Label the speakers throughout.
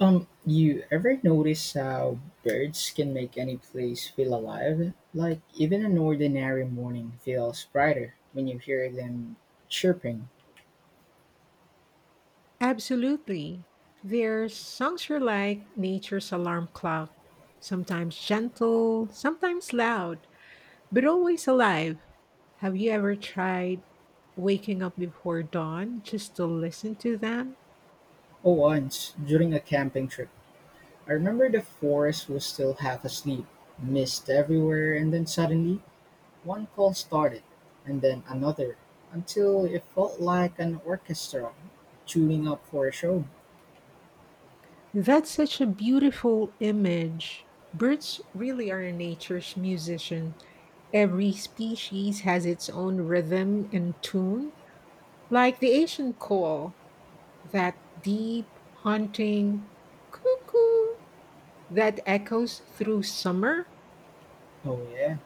Speaker 1: You ever notice how birds can make any place feel alive? Like, even an ordinary morning feels brighter when you hear them chirping.
Speaker 2: Absolutely. Their songs are like nature's alarm clock, sometimes gentle, sometimes loud, but always alive. Have you ever tried waking up before dawn just to listen to them?
Speaker 1: Oh, once, during a camping trip, I remember the forest was still half asleep, mist everywhere, and then suddenly, one call started, and then another, until it felt like an orchestra tuning up for a show.
Speaker 2: That's such a beautiful image. Birds really are nature's musician. Every species has its own rhythm and tune, like the Asian call, that deep, haunting cuckoo that echoes through summer.
Speaker 1: Oh, yeah.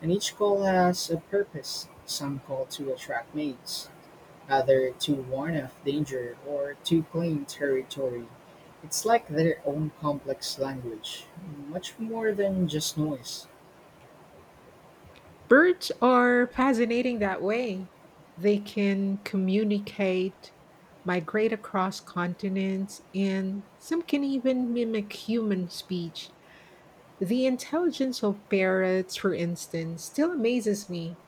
Speaker 1: And each call has a purpose. Some call to attract mates, either to warn of danger or to claim territory. It's like their own complex language, much more than just noise.
Speaker 2: Birds are fascinating that way. They can communicate, migrate across continents, and some can even mimic human speech. The intelligence of parrots, for instance, still amazes me.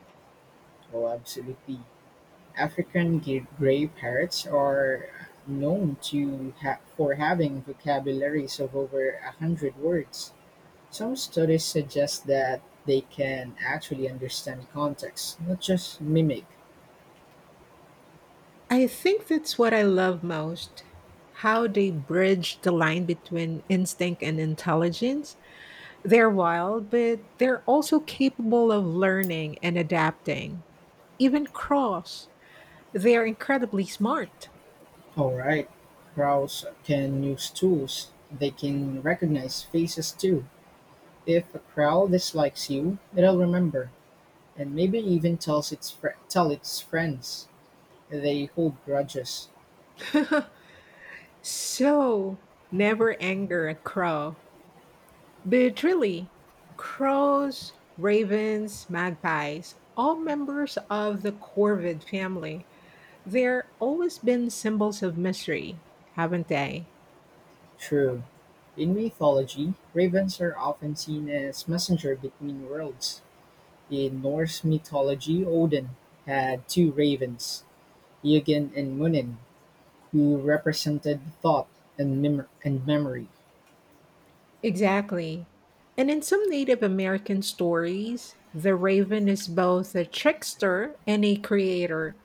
Speaker 1: Oh, absolutely. African gray parrots are known for having vocabularies of over a hundred words. Some studies suggest that they can actually understand context, not just mimic.
Speaker 2: I think that's what I love most: how they bridge the line between instinct and intelligence. They're wild, but they're also capable of learning and adapting. Even cross, they're incredibly smart.
Speaker 1: All right, crows can use tools. They can recognize faces too. If a crowd dislikes you, it'll remember, and maybe even tell its friends. They hold grudges.
Speaker 2: So, never anger a crow. But really, crows, ravens, magpies, all members of the corvid family, they're always been symbols of mystery, haven't they?
Speaker 1: True. In mythology, ravens are often seen as messenger between worlds. In Norse mythology, Odin had two ravens, Ygin and Munin, who represented thought and memory.
Speaker 2: Exactly. And in some Native American stories, the raven is both a trickster and a creator.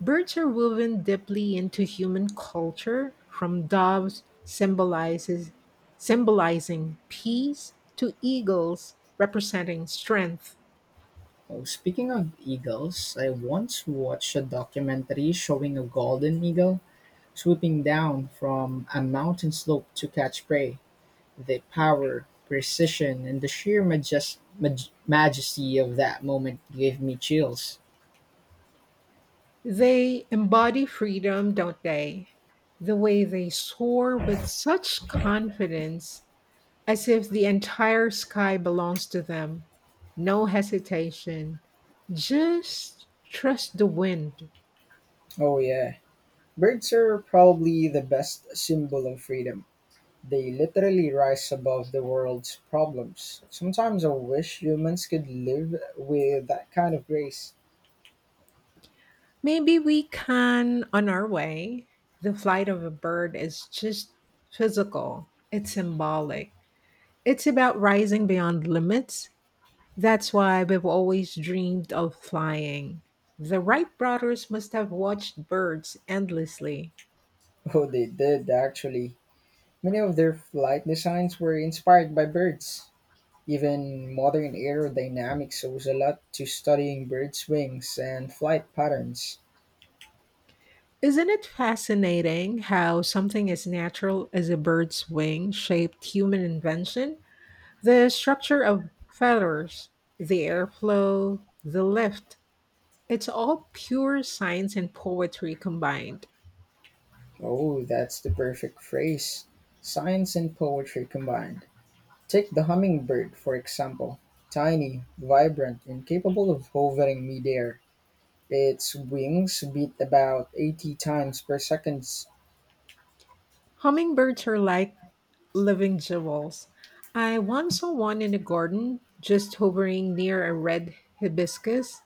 Speaker 2: Birds are woven deeply into human culture, from doves symbolizes symbolizing peace to eagles representing strength.
Speaker 1: Oh, speaking of eagles, I once watched a documentary showing a golden eagle swooping down from a mountain slope to catch prey, the power, precision, and the sheer majesty of that moment gave me chills.
Speaker 2: They embody freedom, don't they? The way they soar with such confidence, as if the entire sky belongs to them. No hesitation. Just trust the wind.
Speaker 1: Oh, yeah. Birds are probably the best symbol of freedom. They literally rise above the world's problems. Sometimes I wish humans could live with that kind of grace.
Speaker 2: Maybe we can on our way. The flight of a bird is just physical, it's symbolic. It's about rising beyond limits. That's why we've always dreamed of flying. The Wright brothers must have watched birds endlessly.
Speaker 1: Oh, they did, actually. Many of their flight designs were inspired by birds. Even modern aerodynamics owes a lot to studying birds' wings and flight patterns.
Speaker 2: Isn't it fascinating how something as natural as a bird's wing shaped human invention? The structure of feathers, the airflow, the lift, it's all pure science and poetry combined.
Speaker 1: Oh, that's the perfect phrase. Science and poetry combined. Take the hummingbird, for example. Tiny, vibrant, and capable of hovering midair. Its wings beat about 80 times per second.
Speaker 2: Hummingbirds are like living jewels. I once saw one in a garden just hovering near a red hibiscus,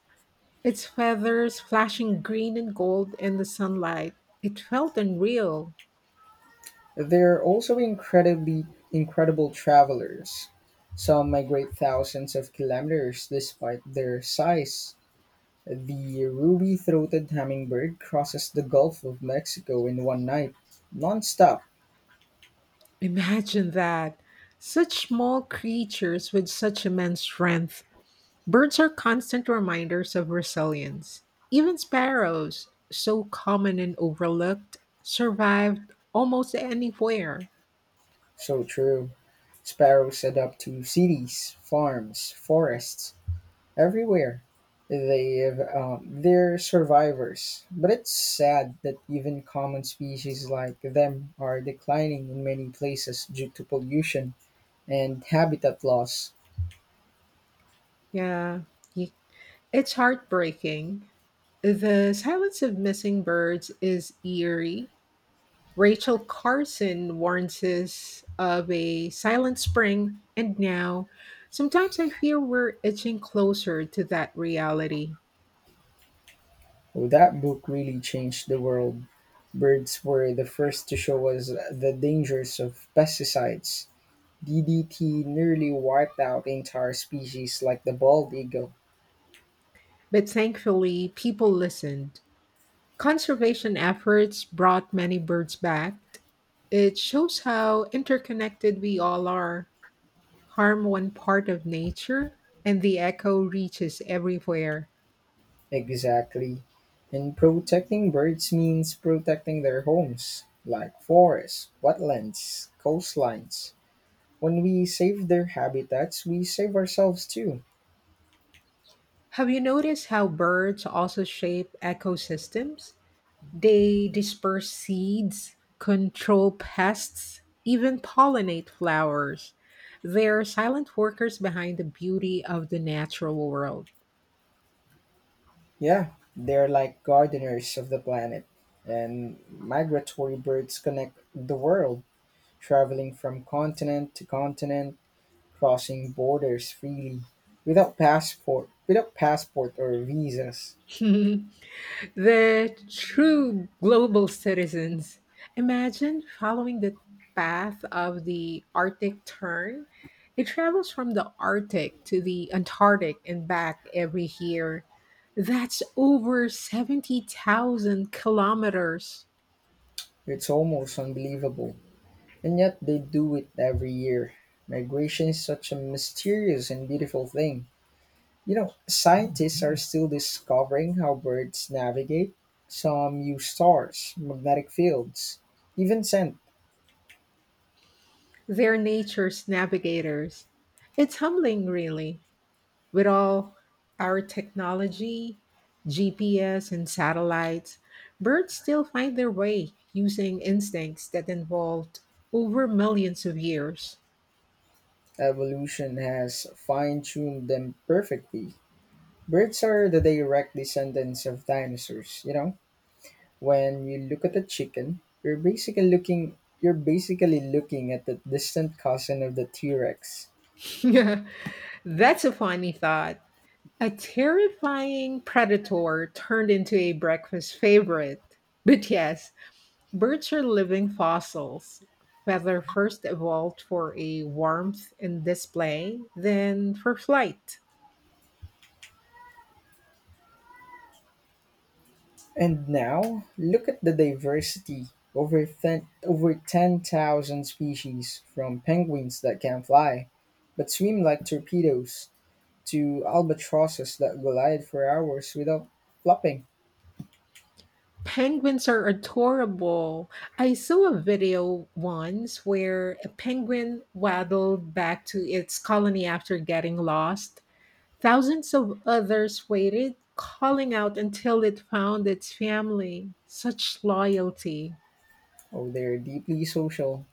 Speaker 2: its feathers flashing green and gold in the sunlight. It felt unreal.
Speaker 1: They're also incredibly incredible travelers. Some migrate thousands of kilometers despite their size. The ruby-throated hummingbird crosses the Gulf of Mexico in one night, nonstop.
Speaker 2: Imagine that. Such small creatures with such immense strength. Birds are constant reminders of resilience. Even sparrows, so common and overlooked, survived almost anywhere.
Speaker 1: So true. Sparrows adapt to cities, farms, forests, everywhere. They're survivors, but it's sad that even common species like them are declining in many places due to pollution and habitat loss.
Speaker 2: Yeah, y- it's heartbreaking. The silence of missing birds is eerie. Rachel Carson warns us of a silent spring, and now sometimes I fear we're edging closer to that reality.
Speaker 1: Oh, that book really changed the world. Birds were the first to show us the dangers of pesticides. DDT nearly wiped out entire species like the bald eagle.
Speaker 2: But thankfully, people listened. Conservation efforts brought many birds back. It shows how interconnected we all are. Harm one part of nature, and the echo reaches everywhere.
Speaker 1: Exactly. And protecting birds means protecting their homes, like forests, wetlands, coastlines. When we save their habitats, we save ourselves too.
Speaker 2: Have you noticed how birds also shape ecosystems? They disperse seeds, control pests, even pollinate flowers. They're silent workers behind the beauty of the natural world.
Speaker 1: Yeah, they're like gardeners of the planet, and migratory birds connect the world. Traveling from continent to continent, crossing borders freely, without passport or visas.
Speaker 2: The true global citizens. Imagine following the path of the Arctic tern. It travels from the Arctic to the Antarctic and back every year. That's over 70,000 kilometers.
Speaker 1: It's almost unbelievable. And yet they do it every year. Migration is such a mysterious and beautiful thing. You know, scientists are still discovering how birds navigate. Some use stars, magnetic fields, even scent.
Speaker 2: They're nature's navigators. It's humbling, really, with all our technology, GPS, and satellites. Birds still find their way using instincts that evolved over millions of years.
Speaker 1: Evolution has fine tuned them perfectly. Birds are the direct descendants of dinosaurs, you know? When you look at a chicken, you're basically looking at the distant cousin of the T-Rex.
Speaker 2: That's a funny thought. A terrifying predator turned into a breakfast favorite. But yes, birds are living fossils. Feather first evolved for a warmth and display, then for flight.
Speaker 1: And now, look at the diversity, over 10,000 species, from penguins that can fly but swim like torpedoes to albatrosses that glide for hours without flopping.
Speaker 2: Penguins are adorable. I saw a video once where a penguin waddled back to its colony after getting lost. Thousands of others waited, calling out until it found its family. Such loyalty.
Speaker 1: Oh, they're deeply social.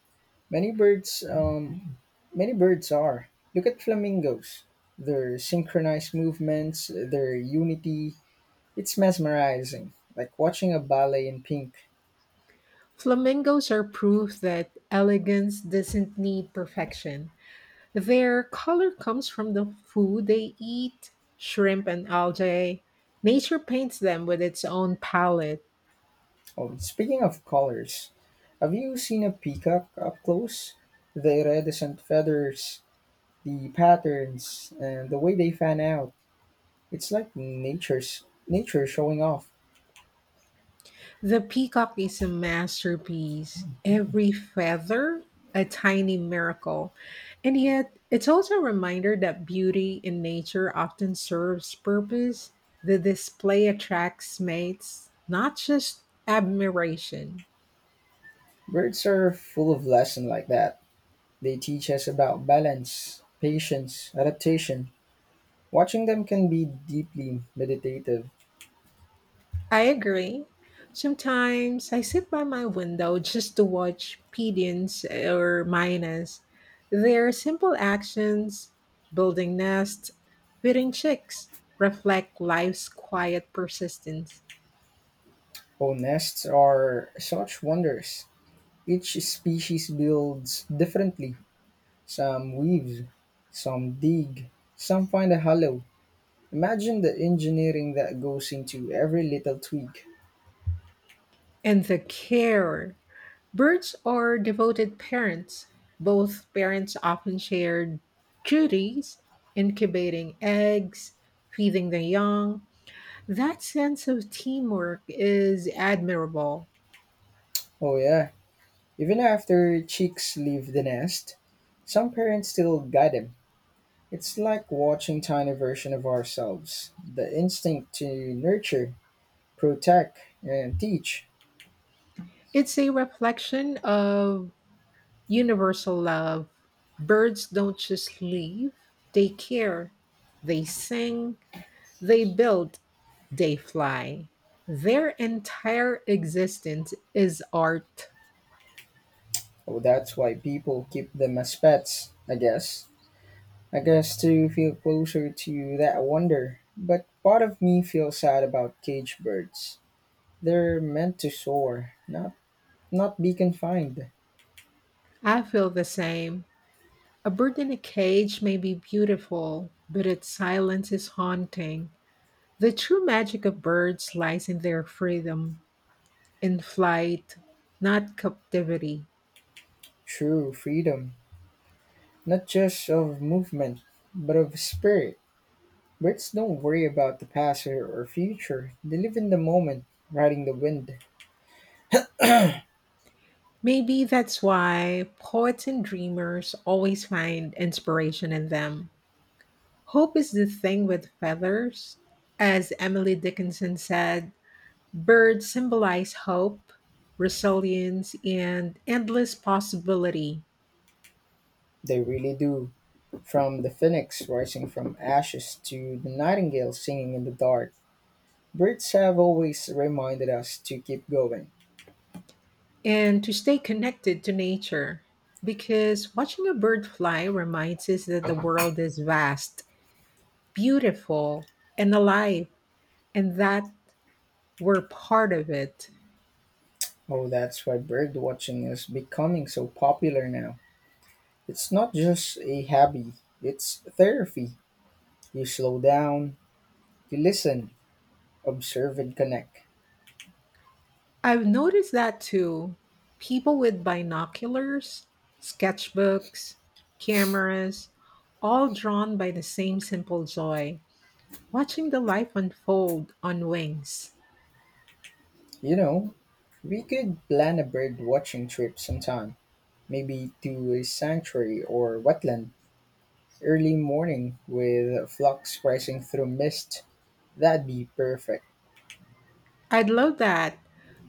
Speaker 1: Many birds, um, Many birds are. Look at flamingos. Their synchronized movements, their unity. It's mesmerizing, like watching a ballet in pink.
Speaker 2: Flamingos are proof that elegance doesn't need perfection. Their color comes from the food they eat, shrimp and algae. Nature paints them with its own palette.
Speaker 1: Oh, speaking of colors, have you seen a peacock up close? The iridescent feathers, the patterns, and the way they fan out. It's like nature showing off.
Speaker 2: The peacock is a masterpiece. Every feather, a tiny miracle. And yet, it's also a reminder that beauty in nature often serves purpose. The display attracts mates, not just admiration.
Speaker 1: Birds are full of lesson like that. They teach us about balance, patience, adaptation. Watching them can be deeply meditative.
Speaker 2: I agree. Sometimes I sit by my window just to watch pigeons or mynas. Their simple actions, building nests, feeding chicks, reflect life's quiet persistence.
Speaker 1: Oh, nests are such wonders. Each species builds differently. Some weave, some dig, some find a hollow. Imagine the engineering that goes into every little twig.
Speaker 2: And the care. Birds are devoted parents. Both parents often share duties, incubating eggs, feeding the young. That sense of teamwork is admirable.
Speaker 1: Oh, yeah. Even after chicks leave the nest, some parents still guide them. It's like watching tiny version of ourselves. The instinct to nurture, protect, and teach.
Speaker 2: It's a reflection of universal love. Birds don't just leave, they care, they sing, they build, they fly. Their entire existence is art.
Speaker 1: Oh, that's why people keep them as pets, I guess. I guess to feel closer to that wonder. But part of me feels sad about cage birds. They're meant to soar, not be confined.
Speaker 2: I feel the same. A bird in a cage may be beautiful, but its silence is haunting. The true magic of birds lies in their freedom, in flight, not captivity.
Speaker 1: True freedom, not just of movement, but of spirit. Birds don't worry about the past or future. They live in the moment, riding the wind.
Speaker 2: Maybe that's why poets and dreamers always find inspiration in them. Hope is the thing with feathers. As Emily Dickinson said, birds symbolize hope, resilience, and endless possibility,
Speaker 1: They really do. From the phoenix rising from ashes to the nightingale singing in the dark. Birds have always reminded us to keep going.
Speaker 2: and to stay connected to nature. Because watching a bird fly reminds us that the world is vast, beautiful, and alive, and that we're part of it.
Speaker 1: Oh, that's why bird watching is becoming so popular now. It's not just a hobby, it's therapy. You slow down, you listen, observe, and connect.
Speaker 2: I've noticed that too. People with binoculars, sketchbooks, cameras, all drawn by the same simple joy, watching the life unfold on wings.
Speaker 1: You know, we could plan a bird watching trip sometime, maybe to a sanctuary or wetland. Early morning with flocks rising through mist, that'd be perfect.
Speaker 2: I'd love that.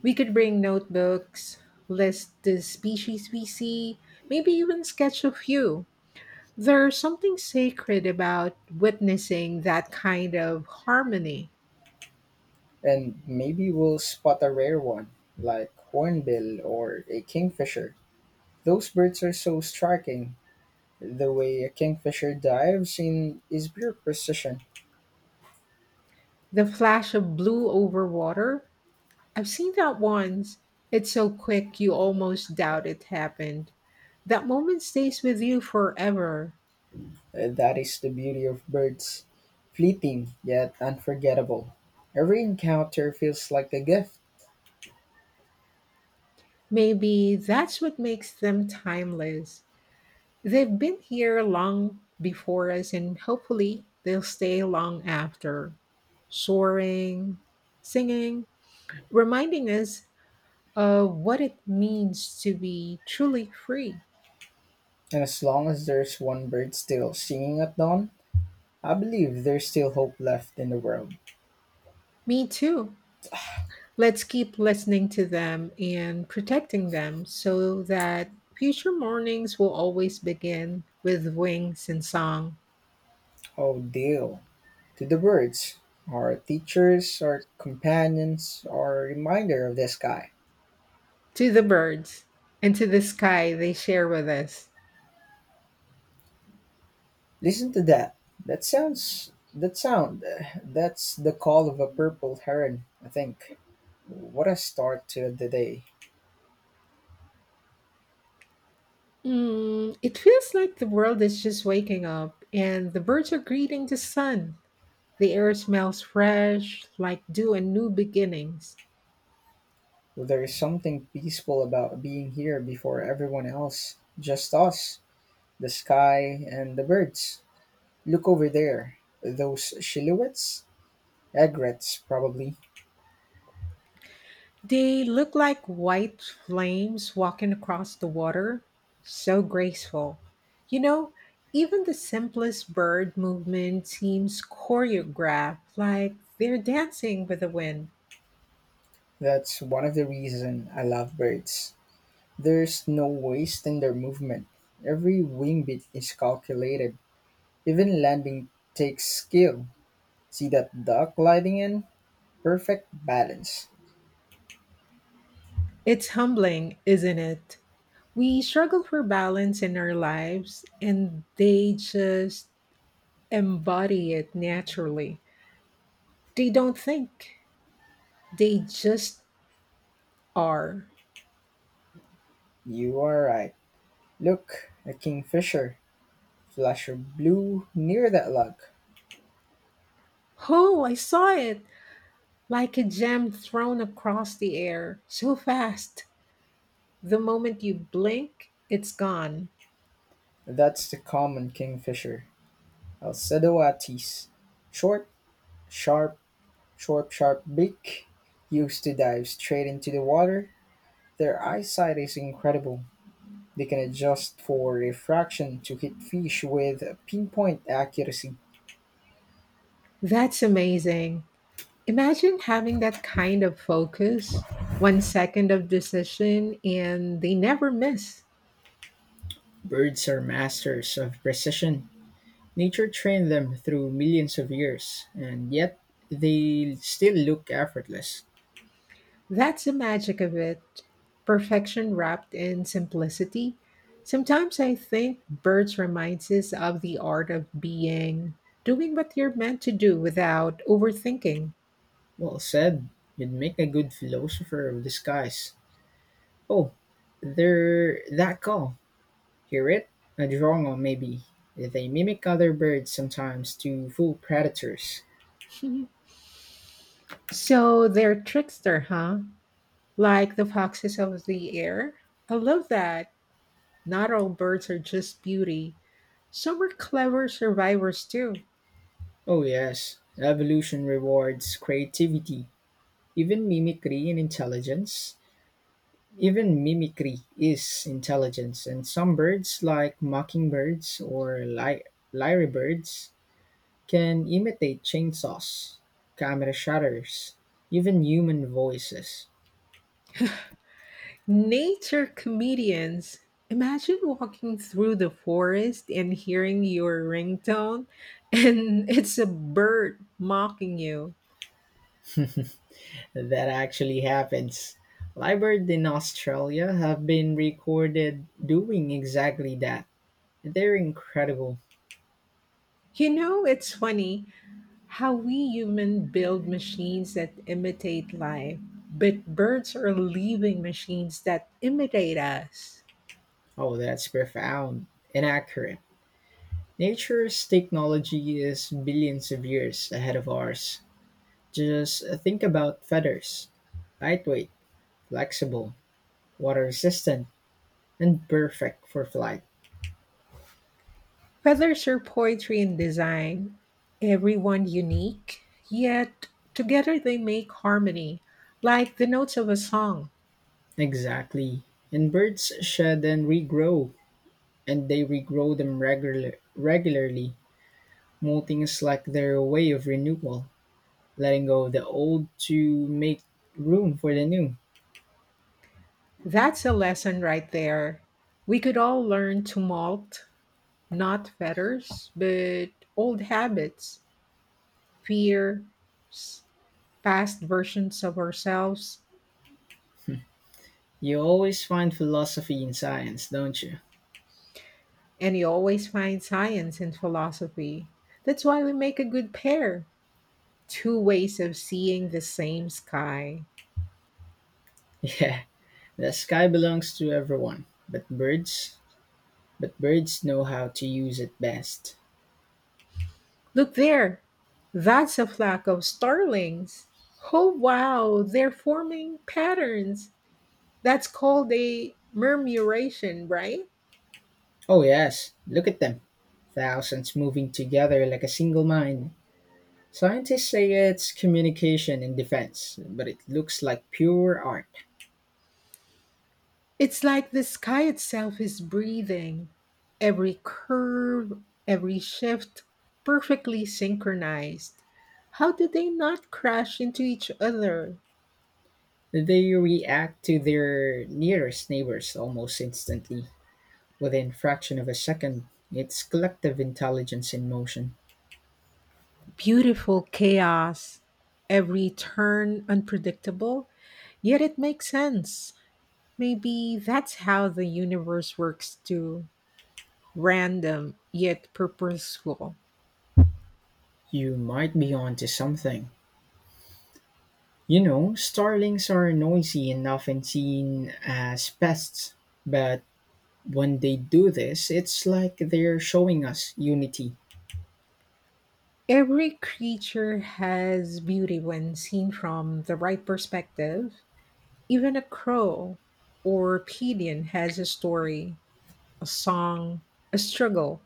Speaker 2: We could bring notebooks, list the species we see, maybe even sketch a few. There's something sacred about witnessing that kind of harmony.
Speaker 1: And maybe we'll spot a rare one, like hornbill or a kingfisher. Those birds are so striking. The way a kingfisher dives in is pure precision.
Speaker 2: The flash of blue over water, I've seen that once. It's so quick you almost doubt it happened. That moment stays with you forever.
Speaker 1: That is the beauty of birds. Fleeting, yet unforgettable. Every encounter feels like a gift.
Speaker 2: Maybe that's what makes them timeless. They've been here long before us, and hopefully, they'll stay long after. Soaring, singing, reminding us of what it means to be truly free.
Speaker 1: And as long as there's one bird still singing at dawn, I believe there's still hope left in the world.
Speaker 2: Me too. Let's keep listening to them and protecting them so that future mornings will always begin with wings and song.
Speaker 1: Oh, deal. To the birds, our teachers, our companions, our reminder of the sky.
Speaker 2: To the birds and to the sky they share with us.
Speaker 1: Listen to that. That sounds. That sound. That's the call of a purple heron, I think. What a start to the day.
Speaker 2: Mm, it feels like the world is just waking up and the birds are greeting the sun. The air smells fresh, like dew and new beginnings.
Speaker 1: Well, there is something peaceful about being here before everyone else. Just us, the sky, and the birds. Look over there. Those silhouettes? Egrets, probably.
Speaker 2: They look like white flames walking across the water. So graceful. You know, even the simplest bird movement seems choreographed, like they're dancing with the wind.
Speaker 1: That's one of the reasons I love birds. There's no waste in their movement. Every wingbeat is calculated. Even landing takes skill. See that duck gliding in? Perfect balance.
Speaker 2: It's humbling, isn't it? We struggle for balance in our lives, and they just embody it naturally. They don't think, they just are.
Speaker 1: You are right. Look, a kingfisher. Flash of blue near that log.
Speaker 2: Oh, I saw it! Like a gem thrown across the air, so fast, the moment you blink, it's gone.
Speaker 1: That's the common kingfisher, Alcedoates. Short, sharp, Short, sharp beak. Used to dive straight into the water, their eyesight is incredible. They can adjust for refraction to hit fish with pinpoint accuracy.
Speaker 2: That's amazing. Imagine having that kind of focus, one second of decision, and they never miss.
Speaker 1: Birds are masters of precision. Nature trained them through millions of years, and yet they still look effortless.
Speaker 2: That's the magic of it. Perfection wrapped in simplicity. Sometimes I think birds reminds us of the art of being, doing what you're meant to do without overthinking.
Speaker 1: Well said. You'd make a good philosopher of disguise. Oh, they're that call. Hear it? A drongo, maybe. They mimic other birds sometimes to fool predators.
Speaker 2: So they're trickster, huh? Like the foxes of the air. I love that. Not all birds are just beauty. Some are clever survivors too.
Speaker 1: Oh, yes. Evolution rewards creativity Even mimicry in intelligence. Even mimicry is intelligence, and some birds, like mockingbirds or lyrebirds, can imitate chainsaws, camera shutters, even human voices.
Speaker 2: Nature comedians. Imagine walking through the forest and hearing your ringtone, and it's a bird mocking you.
Speaker 1: That actually happens. Lyrebird in Australia have been recorded doing exactly that. They're incredible.
Speaker 2: You know, it's funny how we humans build machines that imitate life, but birds are living machines that imitate us.
Speaker 1: Oh, that's profound and accurate. Nature's technology is billions of years ahead of ours. Just think about feathers: lightweight, flexible, water resistant, and perfect for flight.
Speaker 2: Feathers through poetry and design, everyone unique, yet together they make harmony, like the notes of a song.
Speaker 1: Exactly. And birds shed and regrow, and they regrow them regular- regularly. Molting is like their way of renewal, letting go of the old to make room for the new.
Speaker 2: That's a lesson right there. We could all learn to malt, not feathers, but old habits, fears, past versions of ourselves,
Speaker 1: You always find philosophy in science, don't you?
Speaker 2: and you always find science in philosophy. That's why we make a good pair. Two ways of seeing the same sky.
Speaker 1: Yeah. The sky belongs to everyone, but birds know how to use it best.
Speaker 2: Look there. That's a flock of starlings. Oh, wow. They're forming patterns. That's called a murmuration, right?
Speaker 1: Oh yes, look at them. Thousands moving together like a single mind. Scientists say it's communication and defense, but it looks like pure art.
Speaker 2: It's like the sky itself is breathing. Every curve, every shift, perfectly synchronized. How did they not crash into each other?
Speaker 1: They react to their nearest neighbors almost instantly. Within fraction of a second, it's collective intelligence in motion.
Speaker 2: Beautiful chaos. Every turn unpredictable, yet it makes sense. Maybe that's how the universe works too, random yet purposeful.
Speaker 1: You might be onto something. You know, starlings are noisy and often seen as pests, but when they do this, it's like they're showing us unity.
Speaker 2: Every creature has beauty when seen from the right perspective. Even a crow or pigeon has a story, a song, a struggle.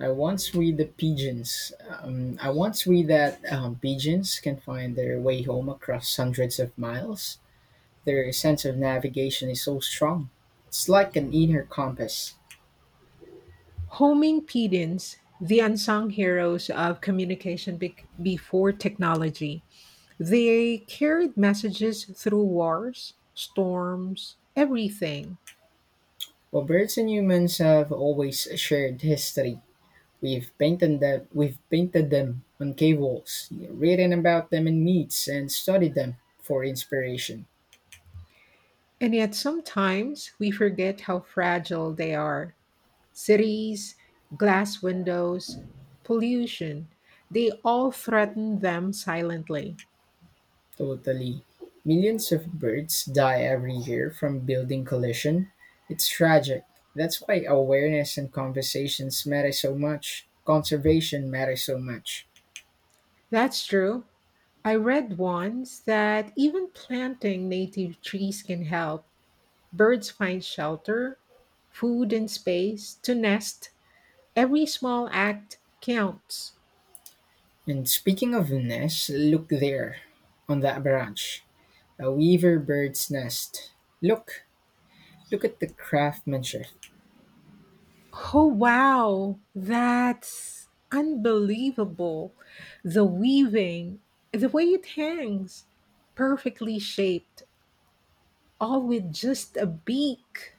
Speaker 1: I once read the pigeons. I once read that pigeons can find their way home across hundreds of miles. Their sense of navigation is so strong. It's like an inner compass.
Speaker 2: Homing pigeons, the unsung heroes of communication bec before technology, they carried messages through wars, storms, everything.
Speaker 1: Well, birds and humans have always shared history. We've painted them on cave walls, written about them in myths, and studied them for inspiration.
Speaker 2: And yet sometimes we forget how fragile they are. Cities, glass windows, pollution, they all threaten them silently.
Speaker 1: Totally, millions of birds die every year from building collision. It's tragic. That's why awareness and conversations matter so much. Conservation matters so much.
Speaker 2: That's true. I read once that even planting native trees can help. Birds find shelter, food, and space to nest. Every small act counts.
Speaker 1: And speaking of nests, look there, on that branch, a weaver bird's nest. Look, Look at the craftsmanship.
Speaker 2: Oh, wow. That's unbelievable. The weaving, the way it hangs, perfectly shaped, all with just a beak.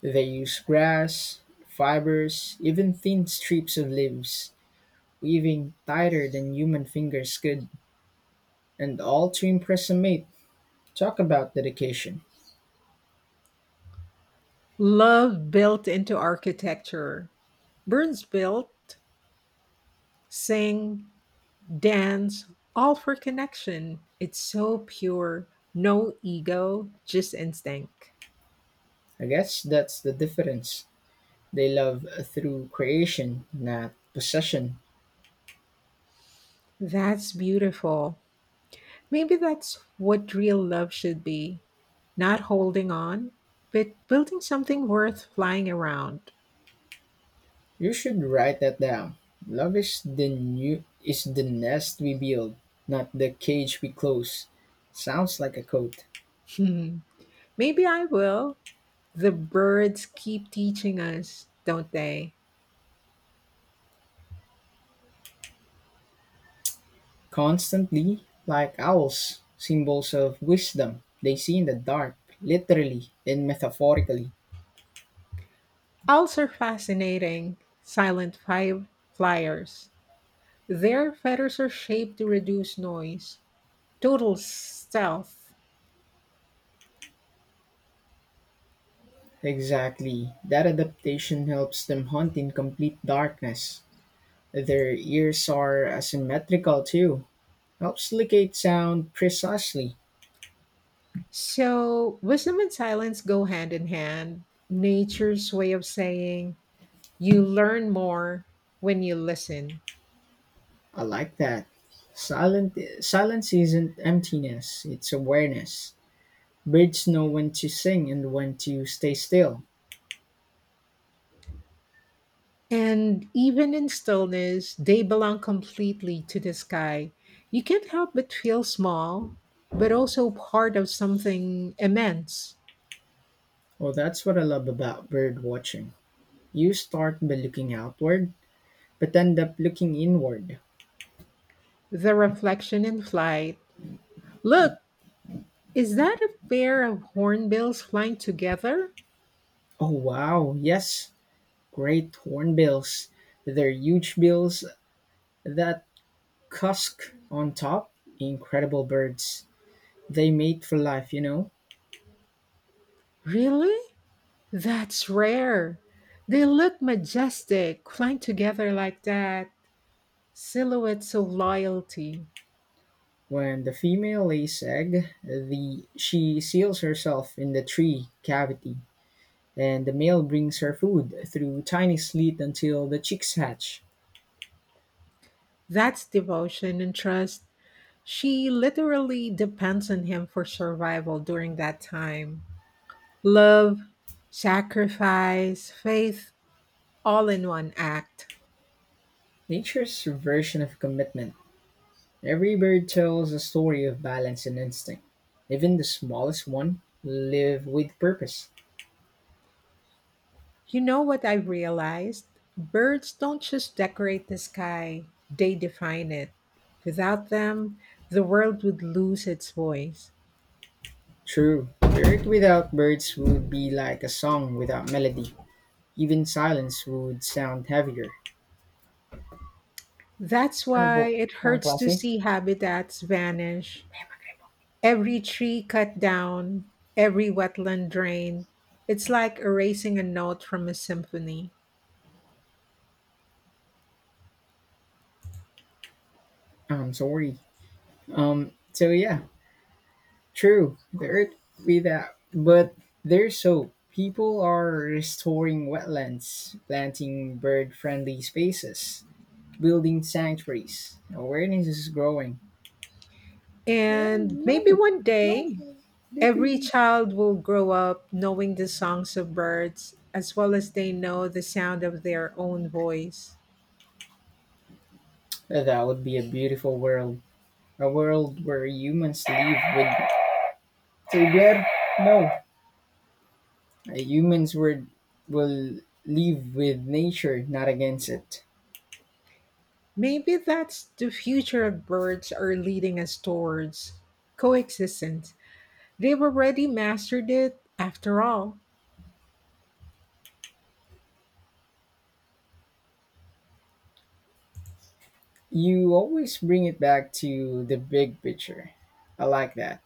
Speaker 1: They use grass, fibers, even thin strips of leaves, weaving tighter than human fingers could, and all to impress a mate. Talk about dedication.
Speaker 2: Love built into architecture. Burns built, sing, dance, all for connection. It's so pure. No ego, just instinct.
Speaker 1: I guess that's the difference. They love through creation, not possession.
Speaker 2: That's beautiful. Maybe that's what real love should be, not holding on, but building something worth flying around.
Speaker 1: You should write that down. Love is the nest we build, not the cage we close. Sounds like a quote.
Speaker 2: Hmm. Maybe I will. The birds keep teaching us, don't they?
Speaker 1: Constantly, like owls, symbols of wisdom, they see in the dark, literally and metaphorically.
Speaker 2: Also fascinating, silent flyers. Their feathers are shaped to reduce noise, total stealth.
Speaker 1: Exactly. That adaptation helps them hunt in complete darkness. Their ears are asymmetrical too. Helps locate sound precisely.
Speaker 2: So, wisdom and silence go hand in hand. Nature's way of saying, you learn more when you listen.
Speaker 1: I like that. Silent Silence isn't emptiness, it's awareness. Birds know when to sing and when to stay still.
Speaker 2: And even in stillness, they belong completely to the sky. You can't help but feel small, but also part of something immense.
Speaker 1: Oh, that's what I love about bird watching. You start by looking outward, but end up looking inward.
Speaker 2: The reflection in flight. Look, is that a pair of hornbills flying together?
Speaker 1: Oh, wow, yes, great hornbills. Their huge bills that cusk on top, incredible birds. They mate for life, you know.
Speaker 2: Really? That's rare. They look majestic, flying together like that. Silhouettes of loyalty.
Speaker 1: When the female lays egg, the she seals herself in the tree cavity, and the male brings her food through tiny slit until the chicks hatch.
Speaker 2: That's devotion and trust. She literally depends on him for survival during that time. Love, sacrifice, faith, all in one act.
Speaker 1: Nature's version of commitment. Every bird tells a story of balance and instinct. Even the smallest one live with purpose.
Speaker 2: You know what I realized? Birds don't just decorate the sky, they define it. Without them, the world would lose its voice.
Speaker 1: True, the earth without birds would be like a song without melody. Even silence would sound heavier.
Speaker 2: That's
Speaker 1: Ano po?
Speaker 2: why it
Speaker 1: Ang
Speaker 2: hurts to
Speaker 1: klase?
Speaker 2: see habitats vanish. Every tree cut down, every wetland drained. It's like erasing a note from a symphony.
Speaker 1: I'm sorry. So yeah, true. The earth without, but There's so people are restoring wetlands, planting bird-friendly spaces, building sanctuaries. Awareness is growing. No,
Speaker 2: And maybe
Speaker 1: no,
Speaker 2: one
Speaker 1: no.
Speaker 2: day, every
Speaker 1: Deeply.
Speaker 2: child will grow up knowing the songs of birds as well as they know the sound of their own voice.
Speaker 1: That would be a beautiful world. A world where humans live with. Xavier, no. Humans were, will live with nature, not against it.
Speaker 2: Maybe that's the future of birds are leading us towards coexistence. They've already mastered it after all.
Speaker 1: You always bring it back to the big picture. I like that.